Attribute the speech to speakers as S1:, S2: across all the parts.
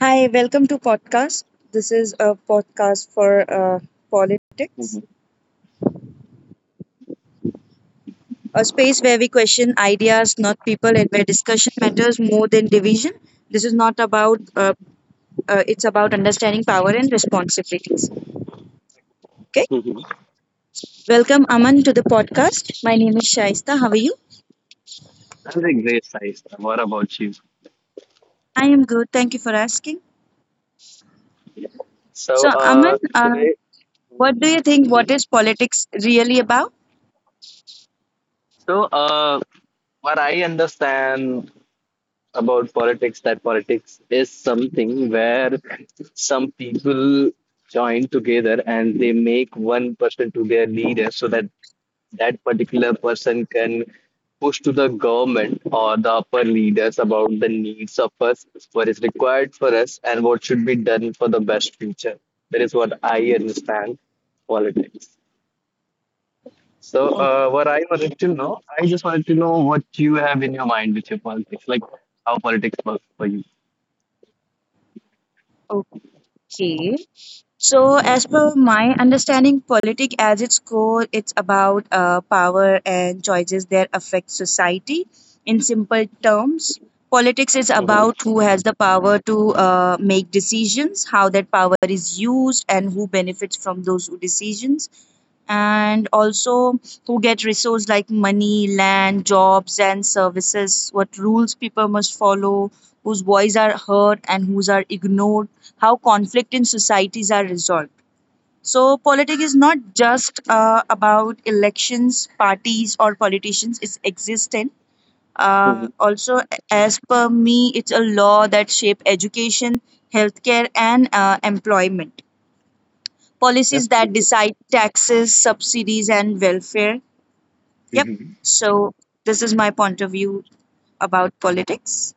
S1: Hi, welcome to podcast. This is a podcast for politics,
S2: Mhm.
S1: a space where we question ideas, not people, and where discussion matters more than division. This is not about. It's about understanding power and responsibilities. Okay,
S2: Mhm.
S1: welcome Aman to the podcast. My name is Shaista. How are you?
S2: That's a great size. What about you?
S1: I am good. Thank you for asking. So
S2: So,
S1: Aman,
S2: uh, today,
S1: what do you think?
S2: Mhm.
S1: What is politics really about?
S2: So, what I understand about politics, that politics is something where some people join together and they make one person to their leader so that particular person can push to the government or the upper leaders about the needs of us, what is required for us, and what should be done for the best future. That is what I understand politics. So,
S1: Okay.
S2: what I wanted to know, I just wanted to know what you have in your mind with your politics, like how politics works for you.
S1: Okay. So,
S2: Mhm.
S1: as per my understanding, politics as its core, it's about power and choices that affect society. In simple terms, politics is
S2: Mhm.
S1: about who has the power to make decisions, how that power is used, and who benefits from those who decisions and also who get resources like money, land, jobs, and services, what rules people must follow, whose voice are heard and whose are ignored, how conflict in societies are resolved. So, politics is not just about elections, parties, or politicians, it's existent.
S2: Mhm.
S1: Also, as per me, it's a law that shape education, healthcare, and employment
S2: That's
S1: policies
S2: pretty
S1: that decide taxes, subsidies, and welfare. Yep.
S2: good.
S1: So, this is my point of view about politics.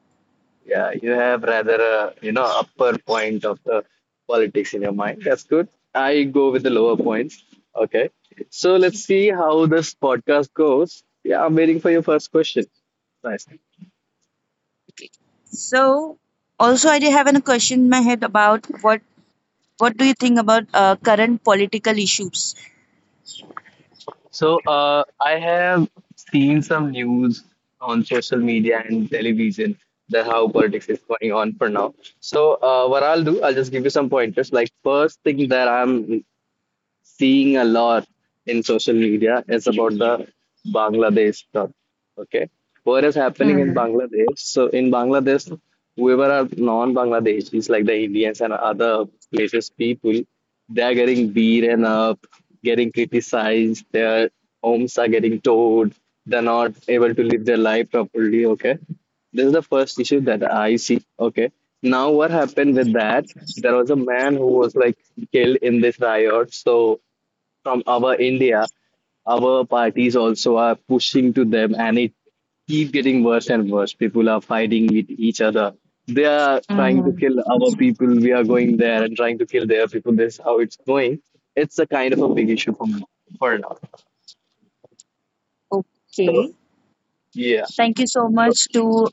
S2: Yeah, you have rather a upper point of the politics in your mind. That's good. I go with the lower points. Okay. So let's see how this podcast goes. Yeah, I'm waiting for your first question. Nice.
S1: So, also, I did have a question in my head about what do you think about current political issues?
S2: So I have seen some news on social media and television that how politics is going on for now. So what I'll do, I'll just give you some pointers. Like first thing that I'm seeing a lot in social media is about the Bangladesh stuff. Okay. What is happening in
S1: hmm
S2: Bangladesh? So in Bangladesh, whoever are non-Bangladeshis, like the Indians and other places people, they are getting beaten up, getting criticized, their homes are getting towed, they're not able to live their life properly. Okay. This is the first issue that I see. Okay. Now what happened with that? There was a man who was like killed in this riot. So from our India, our parties also are pushing to them, and it keep getting worse and worse. People are fighting with each other. They are trying to
S1: hmm
S2: kill our people. We are going there and trying to kill their people. This is how it's going. It's a kind of a big issue for me for now.
S1: Okay.
S2: So yeah.
S1: Thank you so
S2: So,
S1: much to.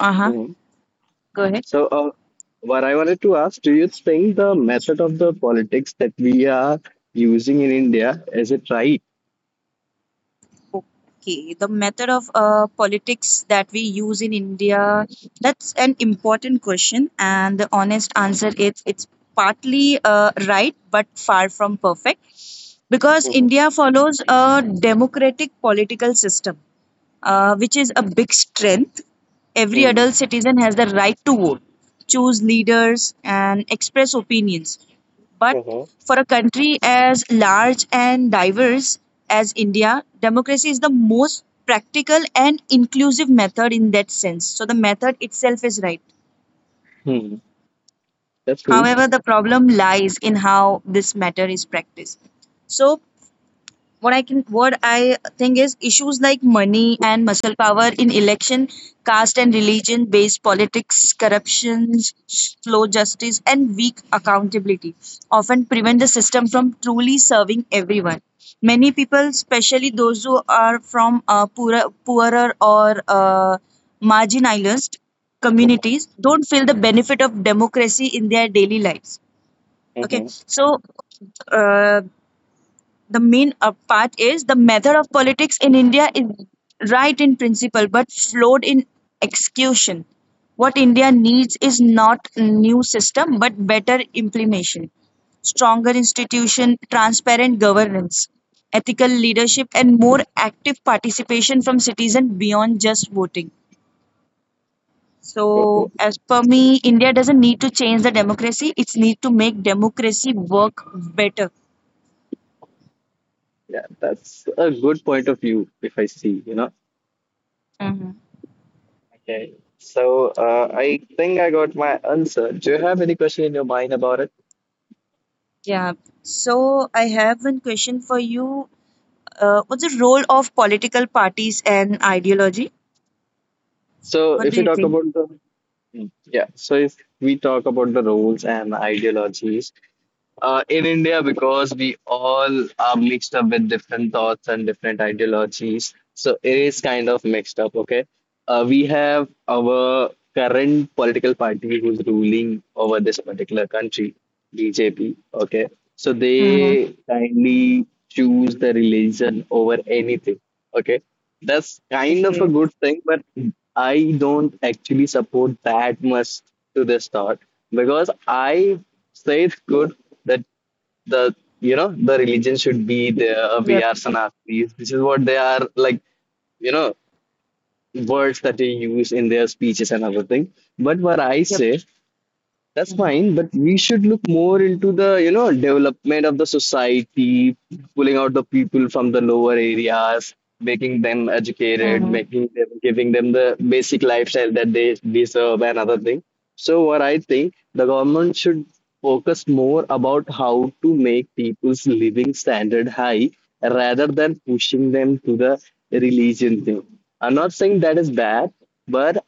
S1: Uh huh.
S2: mhm.
S1: Go ahead.
S2: So, what I wanted to ask, do you think the method of the politics that we are using in India is it right?
S1: Okay, the method of politics that we use in India, that's an important question, and the honest answer is it's partly right but far from perfect because
S2: Hmm.
S1: India follows a democratic political system which is a big strength. Every
S2: Hmm.
S1: adult citizen has the right to vote, choose leaders, and express opinions. But
S2: Hmm.
S1: for a country as large and diverse as India, democracy is the most practical and inclusive method in that sense. So the method itself is right.
S2: Hmm. That's good.
S1: However, the problem lies in how this matter is practiced. So what I think is issues like money and muscle power in election, caste and religion based politics, corruptions, slow justice, and weak accountability often prevent the system from truly serving everyone. Many people, especially those who are from poorer or marginalized communities, don't feel the benefit of democracy in their daily lives. Okay,
S2: Mm-hmm.
S1: so uh, the main part is the method of politics in India is right in principle but flawed in execution. What India needs is not new system but better implementation, stronger institution, transparent governance, ethical leadership, and more active participation from citizens beyond just voting. So,
S2: Oh,
S1: as per me, India doesn't need to change the democracy; it's need to make democracy work better.
S2: yeah, that's a good point of view if I see,
S1: Mhm.
S2: Okay. So I think I got my answer. Do you have any question in your mind about it?
S1: Yeah. So I have one question for you. What's the role of political parties and ideology?
S2: So
S1: What
S2: if
S1: do
S2: you
S1: you
S2: talk
S1: think?
S2: about the Mm, yeah, so if we talk about the roles and ideologies, in India, because we all are mixed up with different thoughts and different ideologies. So it is kind of mixed up, okay? We have our current political party who's ruling over this particular country, BJP, okay? So
S1: hmm
S2: they kindly choose the religion over anything. Okay, that's kind of a
S1: Okay.
S2: good thing, but I don't actually support that much to this thought because I say it's good that the the religion should be there. We
S1: Yep.
S2: are Sanatanis. This is what they are like. You know words that they use in their speeches and everything. But what I
S1: Yep.
S2: say that's fine, but we should look more into the, development of the society, pulling out the people from the lower areas, making them educated,
S1: Mm-hmm.
S2: making them, giving them the basic lifestyle that they deserve and other thing. So what I think the government should focus more about how to make people's living standard high rather than pushing them to the religion thing. I'm not saying that is bad, but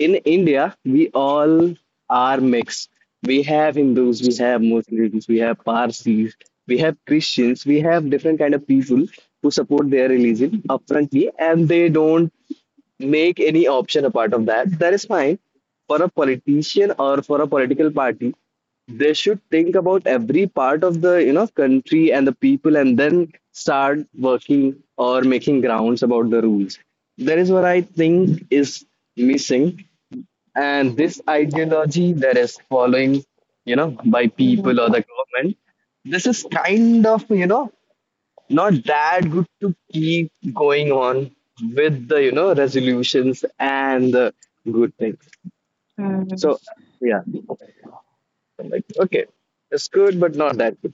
S2: in India we all are mixed. We have Hindus, we have Muslims, we have Parsis, we have Christians, we have different kind of people who support their religion upfrontly and they don't make any option a part of that, that is fine. For a politician or for a political party, they should think about every part of the country and the people and then start working or making grounds about the rules. That is what I think is missing, and this ideology that is following, by
S1: hmm
S2: people or the government, this is kind of, not that good to keep going on with the, resolutions and the good things.
S1: hmm
S2: So yeah, I'm like okay, it's good but not that good.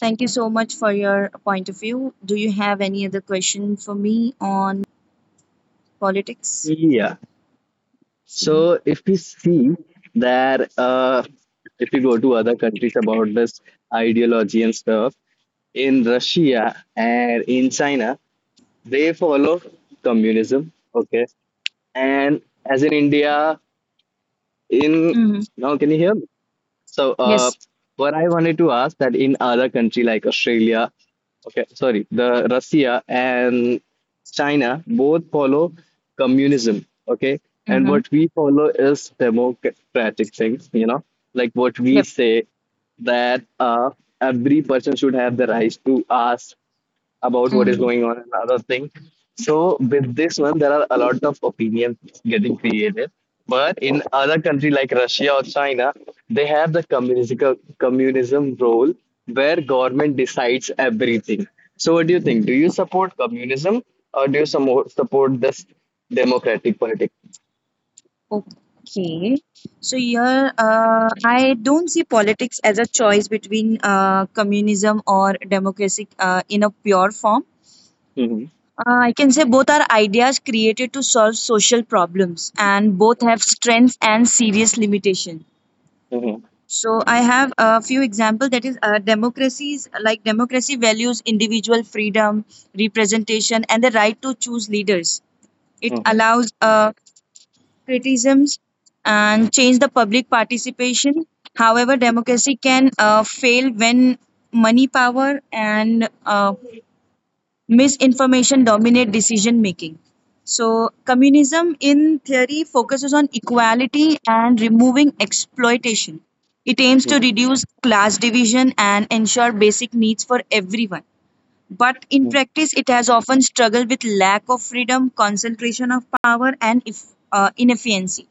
S1: Thank you so much for your point of view. Do you have any other question for me on politics?
S2: Yeah, so if we see that if we go to other countries about this ideology and stuff, in Russia and in China, they follow communism. Okay. And as in India, in
S1: Mm-hmm.
S2: now, can you hear me? So,
S1: Yes.
S2: what I wanted to ask, that in other country like Australia, okay, sorry, the Russia and China both follow communism, okay, and
S1: Mm-hmm.
S2: what we follow is democratic things, you know, like what we
S1: Yep.
S2: say that every person should have the right to ask about what is
S1: Mm-hmm.
S2: going on and other thing. So with this one, there are a lot of opinions getting created. But in other country like Russia or China, they have the communism role where government decides everything. So what do you think? Do you support communism or do you support this democratic politics?
S1: Okay. So here, I don't see politics as a choice between communism or democracy in a pure form.
S2: Hmm.
S1: I can say both are ideas created to solve social problems, and both have strengths and serious limitations.
S2: Hmm.
S1: So I have a few examples. That is, democracies like democracy values individual freedom, representation, and the right to choose leaders. It
S2: Hmm.
S1: allows criticisms and change the public participation. However, democracy can fail when money power and misinformation dominate decision making. So, communism in theory focuses on equality and removing exploitation. It aims to
S2: Hmm.
S1: reduce class division and ensure basic needs for everyone. But in practice, it has often struggled with lack of freedom, concentration of power, and if, inefficiency.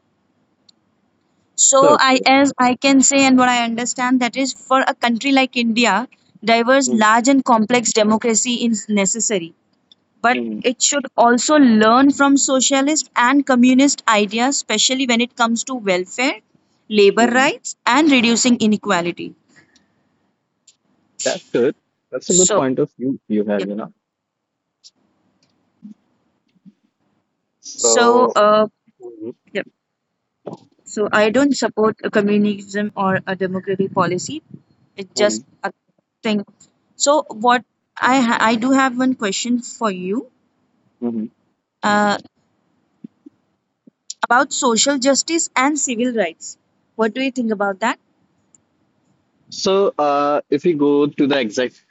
S1: So
S2: Sure,
S1: I
S2: sure.
S1: as I can say and what I understand that is for a country like India, diverse,
S2: Mhm,
S1: large and complex democracy is necessary. But
S2: mhm,
S1: it should also learn from socialist and communist ideas, especially when it comes to welfare, labor
S2: mhm.
S1: rights, and reducing inequality.
S2: That's good. That's a good
S1: So
S2: point of view you have,
S1: yeah. So
S2: So
S1: yeah. So I don't support a communism or a democratic policy. It's
S2: Mhm,
S1: just a thing. So I do have one question for you
S2: mhm.
S1: uh, about social justice and civil rights. What do you think about that?
S2: So, if we go to the exact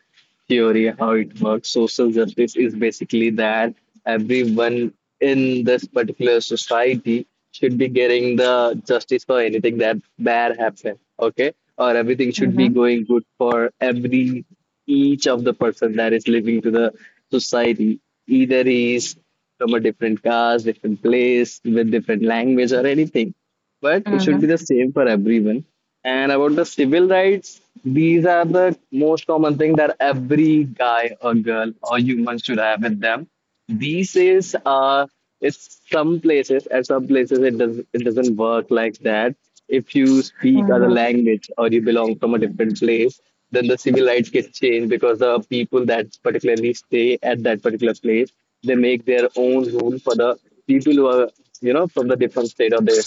S2: theory, how it works, social justice is basically that everyone in this particular society should be getting the justice for anything that bad happened, okay? Or everything should be
S1: Mm-hmm,
S2: going good for every each of the person that is living to the society. Either he is from a different caste, different place, with different language or anything. But it should
S1: mm-hmm,
S2: be the same for everyone. And about the civil rights, these are the most common thing that every guy or girl or human should have with them. These days, it's some places at some places it doesn't work like that. If you speak other
S1: mm-hmm,
S2: language or you belong from a different place, then the civil rights get changed because the people that particularly stay at that particular place, they make their own rule for the people who are, from the different state or they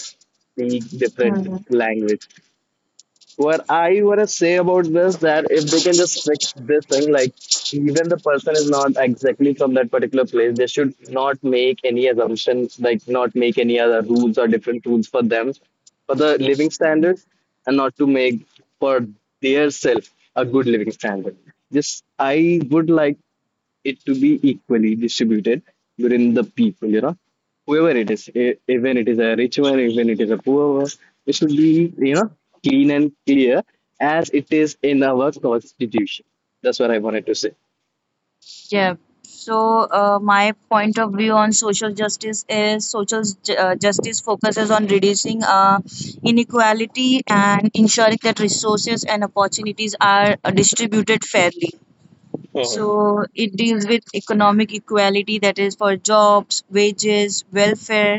S2: speak different
S1: mm-hmm.
S2: language. What I want to say about this, that if they can just fix this thing, like even the person is not exactly from that particular place, they should not make any assumptions, like not make any other rules or different rules for them, for the living standards, and not to make for their self a good living standard. Just I would like it to be equally distributed within the people, you know, whoever it is, even it is a rich one, even it is a poor one, it should be, you know, clean and clear as it is in our constitution. That's what I wanted to say.
S1: Yeah. So, my point of view on social justice is justice focuses on reducing inequality and ensuring that resources and opportunities are distributed fairly.
S2: Mhm.
S1: So, it deals with economic equality, that is, for jobs, wages, welfare,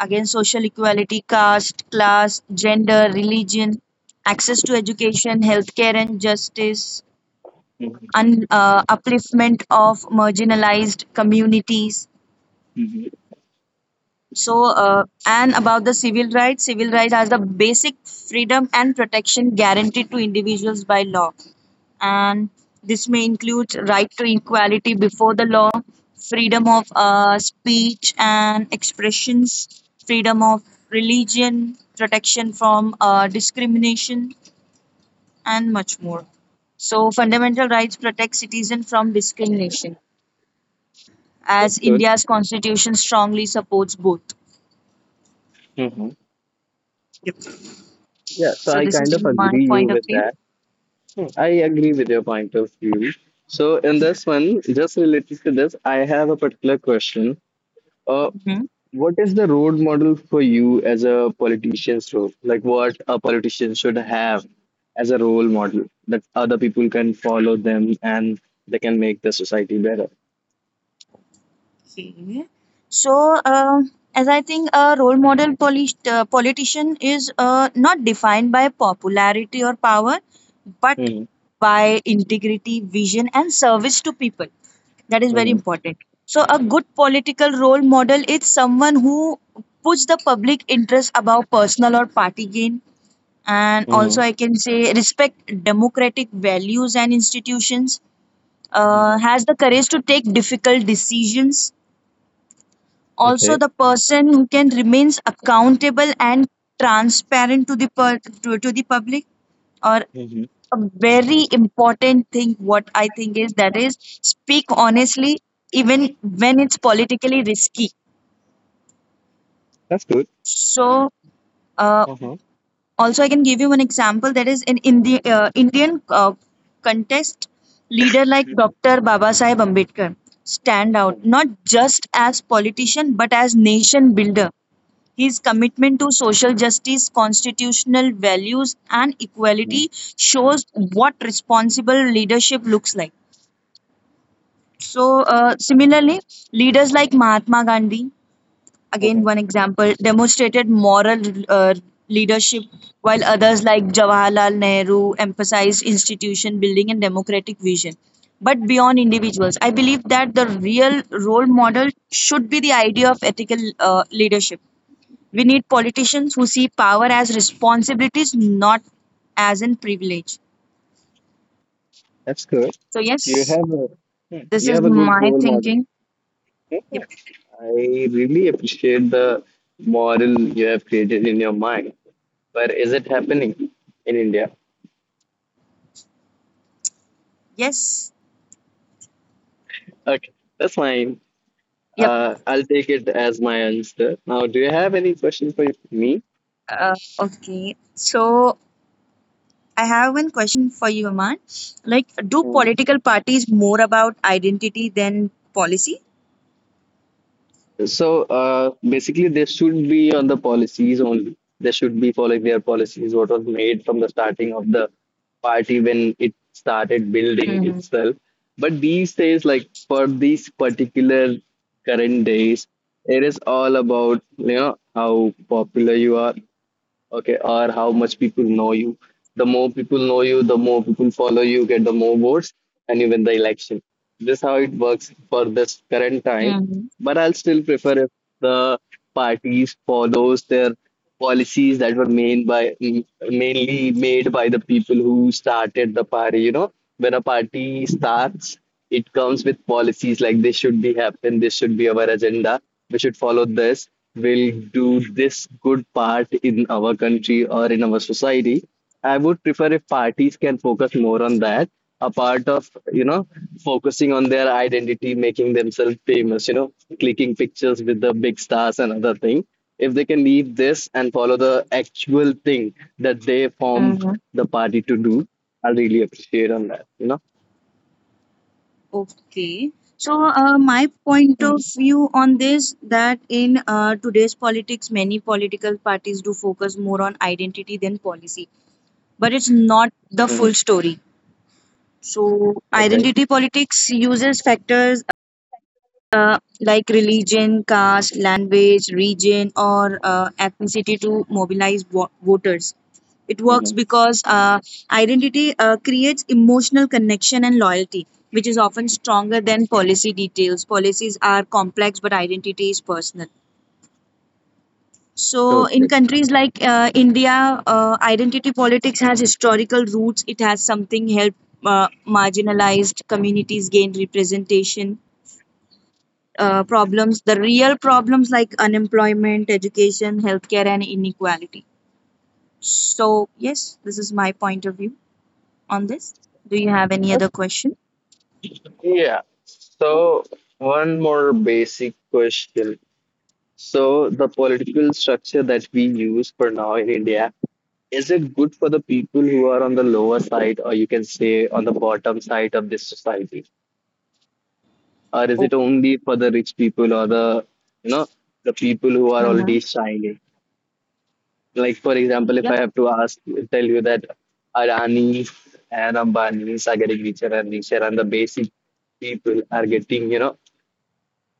S1: again, social equality, caste, class, gender, religion, access to education, healthcare, and justice
S2: Mhm.
S1: upliftment of marginalized communities.
S2: Mhm.
S1: So, and about the civil rights are the basic freedom and protection guaranteed to individuals by law. And this may include right to equality before the law, freedom of speech and expressions, freedom of religion, protection from discrimination, and much more. So, fundamental rights protect citizens from discrimination
S2: That's
S1: as
S2: good.
S1: India's constitution strongly supports both.
S2: Mhm. Yeah, so
S1: So
S2: I
S1: this
S2: kind
S1: is
S2: of
S1: my
S2: agree you
S1: point of
S2: with
S1: view.
S2: that. I agree with your point of view. So in this one, just related to this, I have a particular question. Uh,
S1: hmm
S2: What is the road model for you as a politician's role? Like what a politician should have as a role model that other people can follow them and they can make the society better.
S1: Okay. So, as I think a role model politician is not defined by popularity or power, but
S2: Hmm.
S1: by integrity, vision, and service to people. That is very
S2: Hmm.
S1: important. So, a good political role model is someone who puts the public interest above personal or party gain and
S2: Hmm.
S1: also I can say respect democratic values and institutions
S2: Hmm.
S1: has the courage to take difficult decisions also
S2: Okay.
S1: the person who can remains accountable and transparent to the public or
S2: Hmm.
S1: a very important thing what I think is that is speak honestly even when it's politically risky
S2: That's good.
S1: so uh,
S2: Uh-huh.
S1: also I can give you an example that is indian contest leader like dr baba sahib ambedkar stand out not just as politician but as nation builder his commitment to social justice constitutional values and equality shows what responsible leadership looks like so similarly leaders like mahatma gandhi again
S2: Uh-huh.
S1: one example, demonstrated moral uh, leadership, while others like Jawaharlal Nehru emphasized institution building and democratic vision. But beyond individuals, I believe that the real role model should be the idea of ethical leadership. We need politicians who see power as responsibilities, not as in privilege.
S2: That's good.
S1: So,
S2: You
S1: yes,
S2: have a
S1: this
S2: you
S1: is
S2: have a good
S1: my
S2: role model.
S1: thinking. Yep.
S2: I really appreciate the model you have created in your mind. But is it happening in India?
S1: Yes.
S2: Okay, that's fine.
S1: Yep.
S2: I'll take it as my answer. Now, do you have any questions for me?
S1: Uh, okay. So I have one question for you, Aman. Like, do
S2: Um,
S1: political parties more about identity than policy?
S2: Basically, they should be on the policies only. They should be following their policies, what was made from the starting of the party when it started building
S1: Mm-hmm.
S2: itself. But these days, like for these particular current days, it is all about, how popular you are, okay, or how much people know you. The more people know you, the more people follow you, get the more votes and you win the election. This is how it works for this current time,
S1: Mm-hmm.
S2: but I'll still prefer if the parties follows their policies that were made by, mainly made by the people who started the party. You know, when a party starts, it comes with policies, like this should be happen, this should be our agenda, we should follow this, will do this good part in our country or in our society. I would prefer if parties can focus more on that, a part of, you know focusing on their identity, making themselves famous, you know, clicking pictures with the big stars and other thing. If they can leave this and follow the actual thing that they formed
S1: Mm-hmm.
S2: the party to do, I'll really appreciate on that,
S1: Okay. So, my point
S2: Mhm.
S1: of view on this that in today's politics, many political parties do focus more on identity than policy, but it's not the
S2: Hmm.
S1: full story. So,
S2: Okay.
S1: identity politics uses factors like religion, caste, language, region, or ethnicity to mobilize voters. It works
S2: Mhm.
S1: because identity creates emotional connection and loyalty, which is often stronger than policy details. Policies are complex, but identity is personal. So, in
S2: Totally.
S1: countries like India, identity politics has historical roots. It has something help marginalized communities gain representation. Problems, the real problems like unemployment, education, healthcare, and inequality. So, yes, this is my point of view on this. Do you have any other question?
S2: Yeah. So one more basic question. So the political structure that we use for now in India, is it good for the people who are on the lower side, or you can say on the bottom side of this society? Or is
S1: Oh,
S2: it only for the rich people or you know, the people who are already
S1: mhm.
S2: shining? Like for example, if
S1: Yep.
S2: I have to tell you that Adani and Ambanis are getting richer and richer, and the basic people are getting,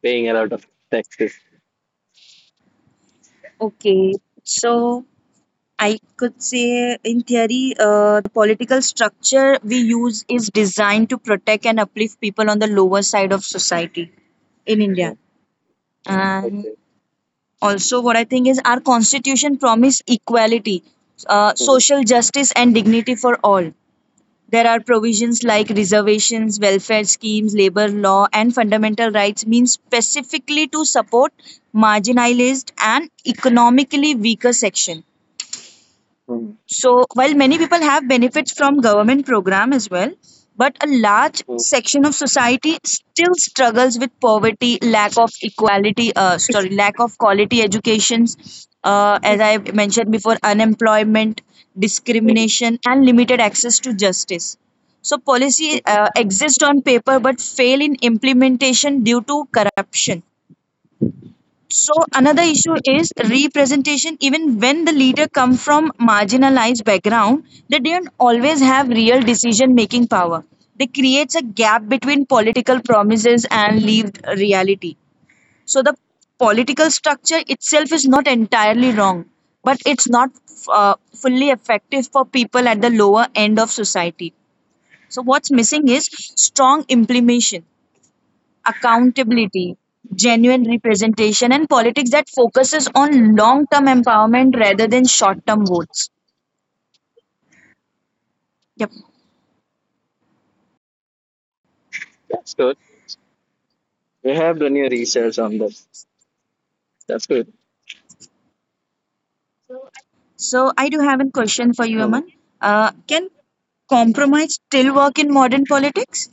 S2: paying a lot of taxes.
S1: Okay. So, I could say, in theory, the political structure we use is designed to protect and uplift people on the lower side of society in India.
S2: Mhm.
S1: And
S2: Okay.
S1: also, what I think is our constitution promises equality,
S2: Mhm.
S1: social justice, and dignity for all. There are provisions like reservations, welfare schemes, labor law, and fundamental rights, means specifically to support marginalized and economically weaker section.
S2: Mhm.
S1: So while many people have benefits from government program as well, but a large
S2: Mhm.
S1: section of society still struggles with poverty, lack of equality, lack of quality educations, as I mentioned before, unemployment,
S2: Mhm.
S1: discrimination, and limited access to justice. So policy
S2: Mhm.
S1: exist on paper but fail in implementation due to corruption so another issue is representation. Even when the leader come from marginalized background, they don't always have real decision making power. They creates a gap between political promises and lived reality. So the political structure itself is not entirely wrong, but it's not fully effective for people at the lower end of society. So what's missing is strong implementation accountability, genuine representation, and politics that focuses on long term empowerment rather than short term votes. Yep.
S2: That's good. We have done your research on this. That's good.
S1: So, I do have a question for you,
S2: Hmm.
S1: Aman. Can compromise still work in modern politics?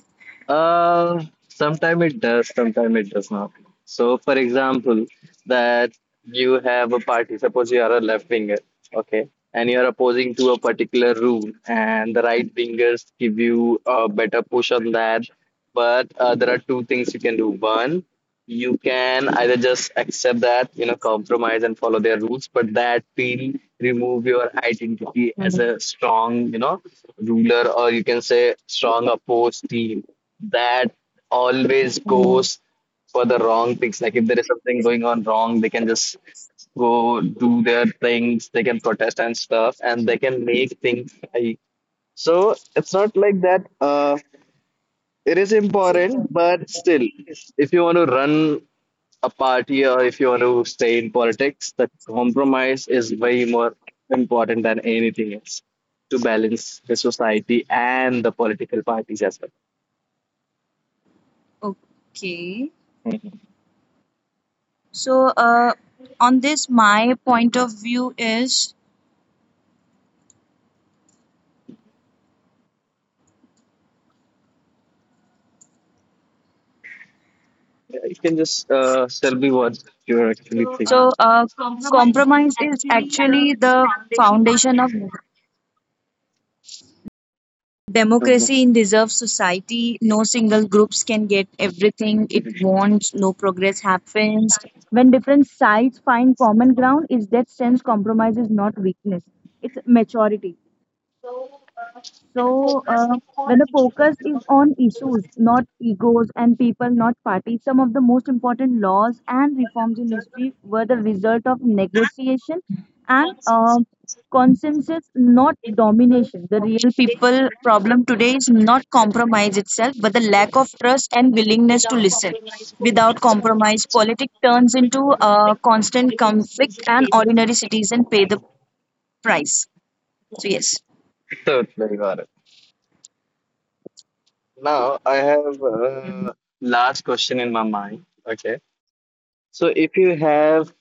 S2: Uh, sometimes it does, sometimes it does not. So, for example, that you have a party, suppose you are a left winger, okay, and you are opposing to a particular rule, and the right wingers give you a better push on that. But there are two things you can do. One, you can either just accept that, compromise and follow their rules, but that will remove your identity as a strong, ruler, or you can say strong opposed team that always goes for the wrong things. Like if there is something going on wrong, they can just go do their things, they can protest and stuff, and they can make things high. So it's not like that. It is important, but still, if you want to run a party or if you want to stay in politics, the compromise is way more important than anything else to balance the society and the political parties as well.
S1: Okay.
S2: Hmm.
S1: So, on this, my point of view is
S2: Yeah, you can just tell me what you're actually thinking.
S1: so, compromise is actually the foundation of democracy in deserved society no single groups can get everything it
S2: Mhm.
S1: wants no progress happens when different sides find common ground is that sense compromise is not weakness it's maturity so, when the focus is on issues, not egos and people, not parties, some of the most important laws and reforms in history were the result of negotiation and consensus, not domination. The real people problem today is not compromise itself, but the lack of trust and willingness to listen. Without compromise, politics turns into constant conflict, and ordinary citizens pay the price. So, yes.
S2: Totally got it. Now I have last question in my mind. Okay. So if you have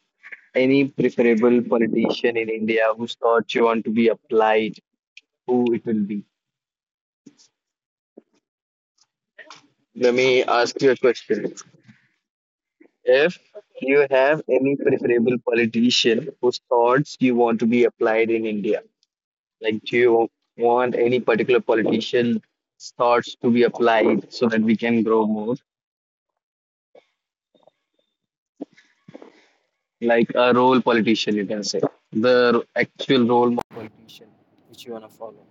S2: any preferable politician in India whose thoughts you want to be applied, who it will be? Let me ask you a question. If you have any preferable politician whose thoughts you want to be applied in India, like, do you want any particular politician's thoughts to be applied so that we can grow more? Like a role politician, you can say. The actual politician which you want to follow.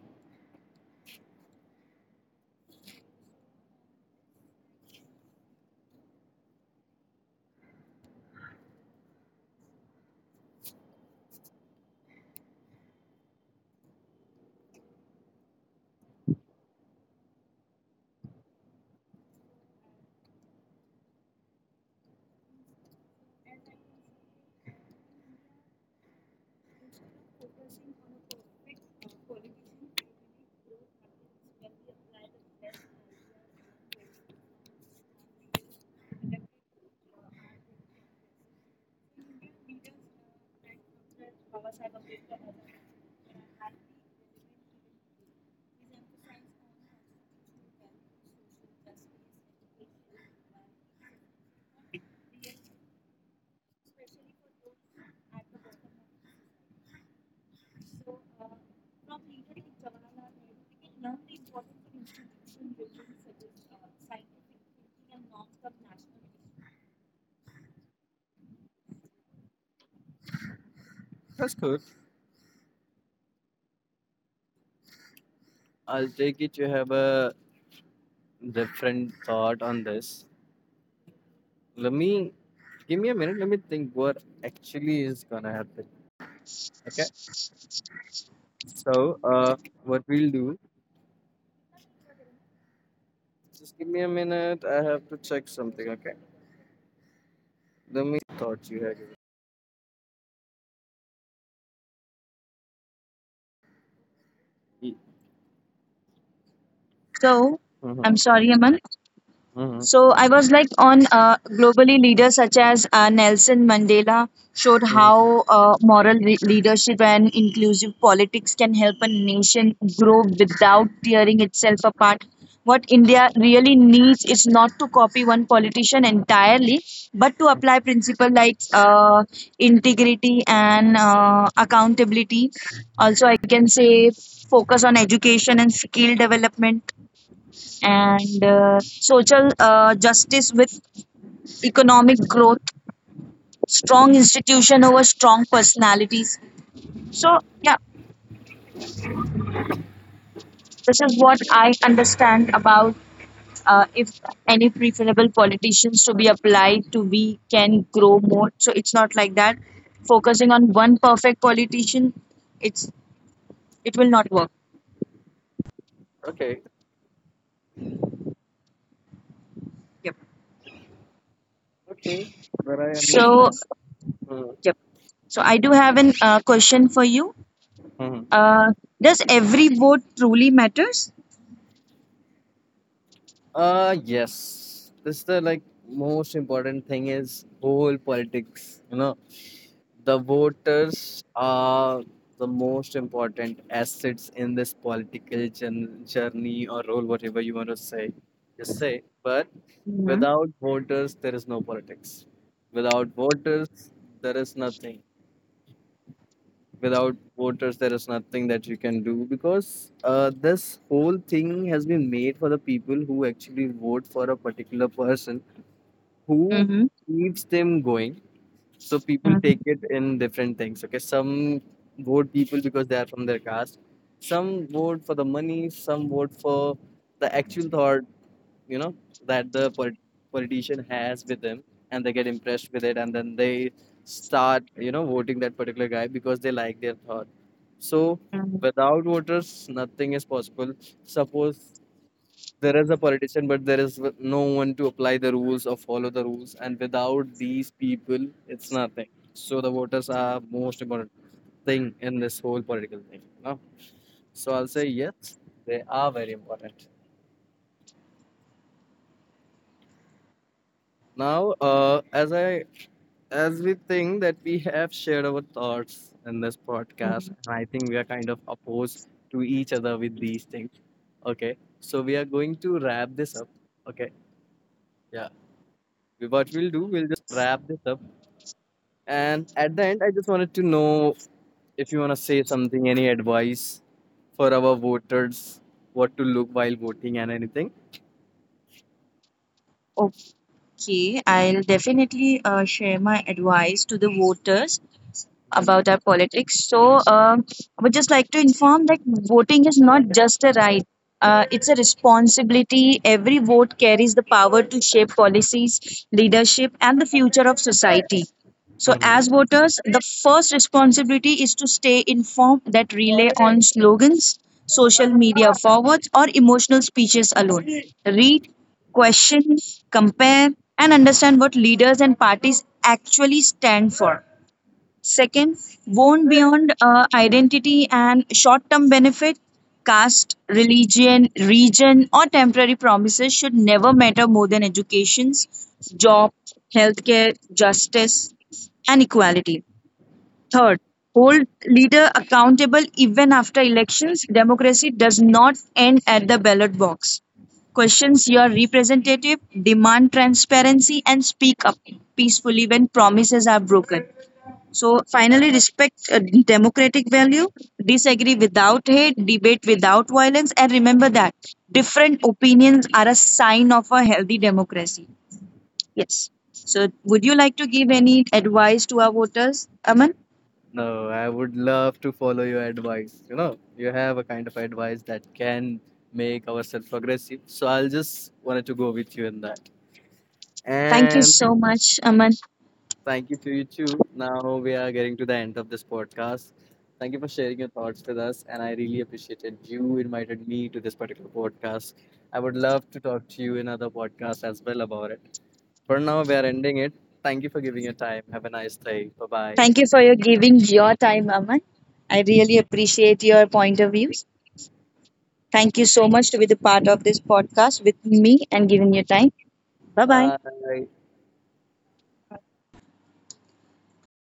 S2: That's good. I'll take it. You have a different thought on this. Let me Give me a minute. Let me think what actually is gonna happen. Okay. So, what we'll do? Just give me a minute. I have to check something. Okay. Let me thought you had.
S1: So, I'm
S2: Mm-hmm.
S1: sorry, Aman.
S2: Mm-hmm.
S1: So, I was like on globally leaders such as Nelson Mandela showed
S2: Mm.
S1: how moral leadership and inclusive politics can help a nation grow without tearing itself apart. What India really needs is not to copy one politician entirely, but to apply principles like integrity and accountability. Also, I can say focus on education and skill development and social justice with economic growth, strong institution over strong personalities. So, yeah, this is what I understand about if any preferable politicians to be applied to, we can grow more. So, it's not like that. Focusing on one perfect politician, it's it will not work.
S2: Okay.
S1: Yep.
S2: Okay, but I
S1: So,
S2: understand. Mm.
S1: yep. So, I do have an question for you.
S2: Mm.
S1: Uh, does every vote truly matters?
S2: Yes. This is the like most important thing is whole politics. You know, the voters are the most important assets in this political journey or role, whatever you want to say. Just say. But without voters, there is no politics. Without voters, there is nothing. Without voters there is nothing that you can do because this whole thing has been made for the people who actually vote for a particular person who
S1: Mm-hmm.
S2: keeps them going. So people
S1: Mm-hmm.
S2: take it in different things. Okay, some vote people because they are from their caste, some vote for the money, some vote for the actual thought, you know, that the politician has with them and they get impressed with it and then they start, you know, voting that particular guy because they like their thought. So
S1: Mm-hmm.
S2: without voters nothing is possible. Suppose there is a politician but there is no one to apply the rules or follow the rules, and without these people it's nothing. So the voters are most important thing in this whole political thing, you know? So I'll say yes, they are very important. Now as we think that we have shared our thoughts in this podcast,
S1: Mm-hmm.
S2: and I think we are kind of opposed to each other with these things. Okay, so we are going to wrap this up. Okay, yeah. What we'll do, we'll just wrap this up. And at the end, I just wanted to know if you want to say something, any advice for our voters, what to look while voting and anything.
S1: Okay, I'll definitely share my advice to the voters about our politics. So, I would just like to inform that voting is not just a right. It's a responsibility. Every vote carries the power to shape policies, leadership, and the future of society. So,
S2: Mhm.
S1: as voters, the first responsibility is to stay informed that relay on slogans, social media forwards, or emotional speeches alone. Read, question, compare, and understand what leaders and parties actually stand for. Second, born beyond identity and short term benefit, caste, religion, region, or temporary promises should never matter more than education's, job, healthcare, justice, and equality. Third, hold leader accountable even after elections. Democracy does not end at the ballot box. Questions your representative, demand transparency, and speak up peacefully when promises are broken. So finally, respect democratic value, disagree without hate, debate without violence, and remember that different opinions are a sign of a healthy democracy. Yes. So, would you like to give any advice to our voters, Aman?
S2: No, I would love to follow your advice. You know, you have a kind of advice that can make ourselves progressive. So I'll just wanted to go with you in that.
S1: Thank you
S2: And
S1: so much, Aman.
S2: thank you to you too. Now we are getting to the end of this podcast. Thank you for sharing your thoughts with us. And I really appreciated you invited me to this particular podcast. I would love to talk to you in other podcasts as well about it. For now, we are ending it. Thank you for giving your time. Have a nice day. Bye-bye.
S1: Thank you for your giving your time, Aman. I really appreciate your point of views. Thank you so much to be the part of this podcast with me and giving your time. Bye bye.
S2: Bye.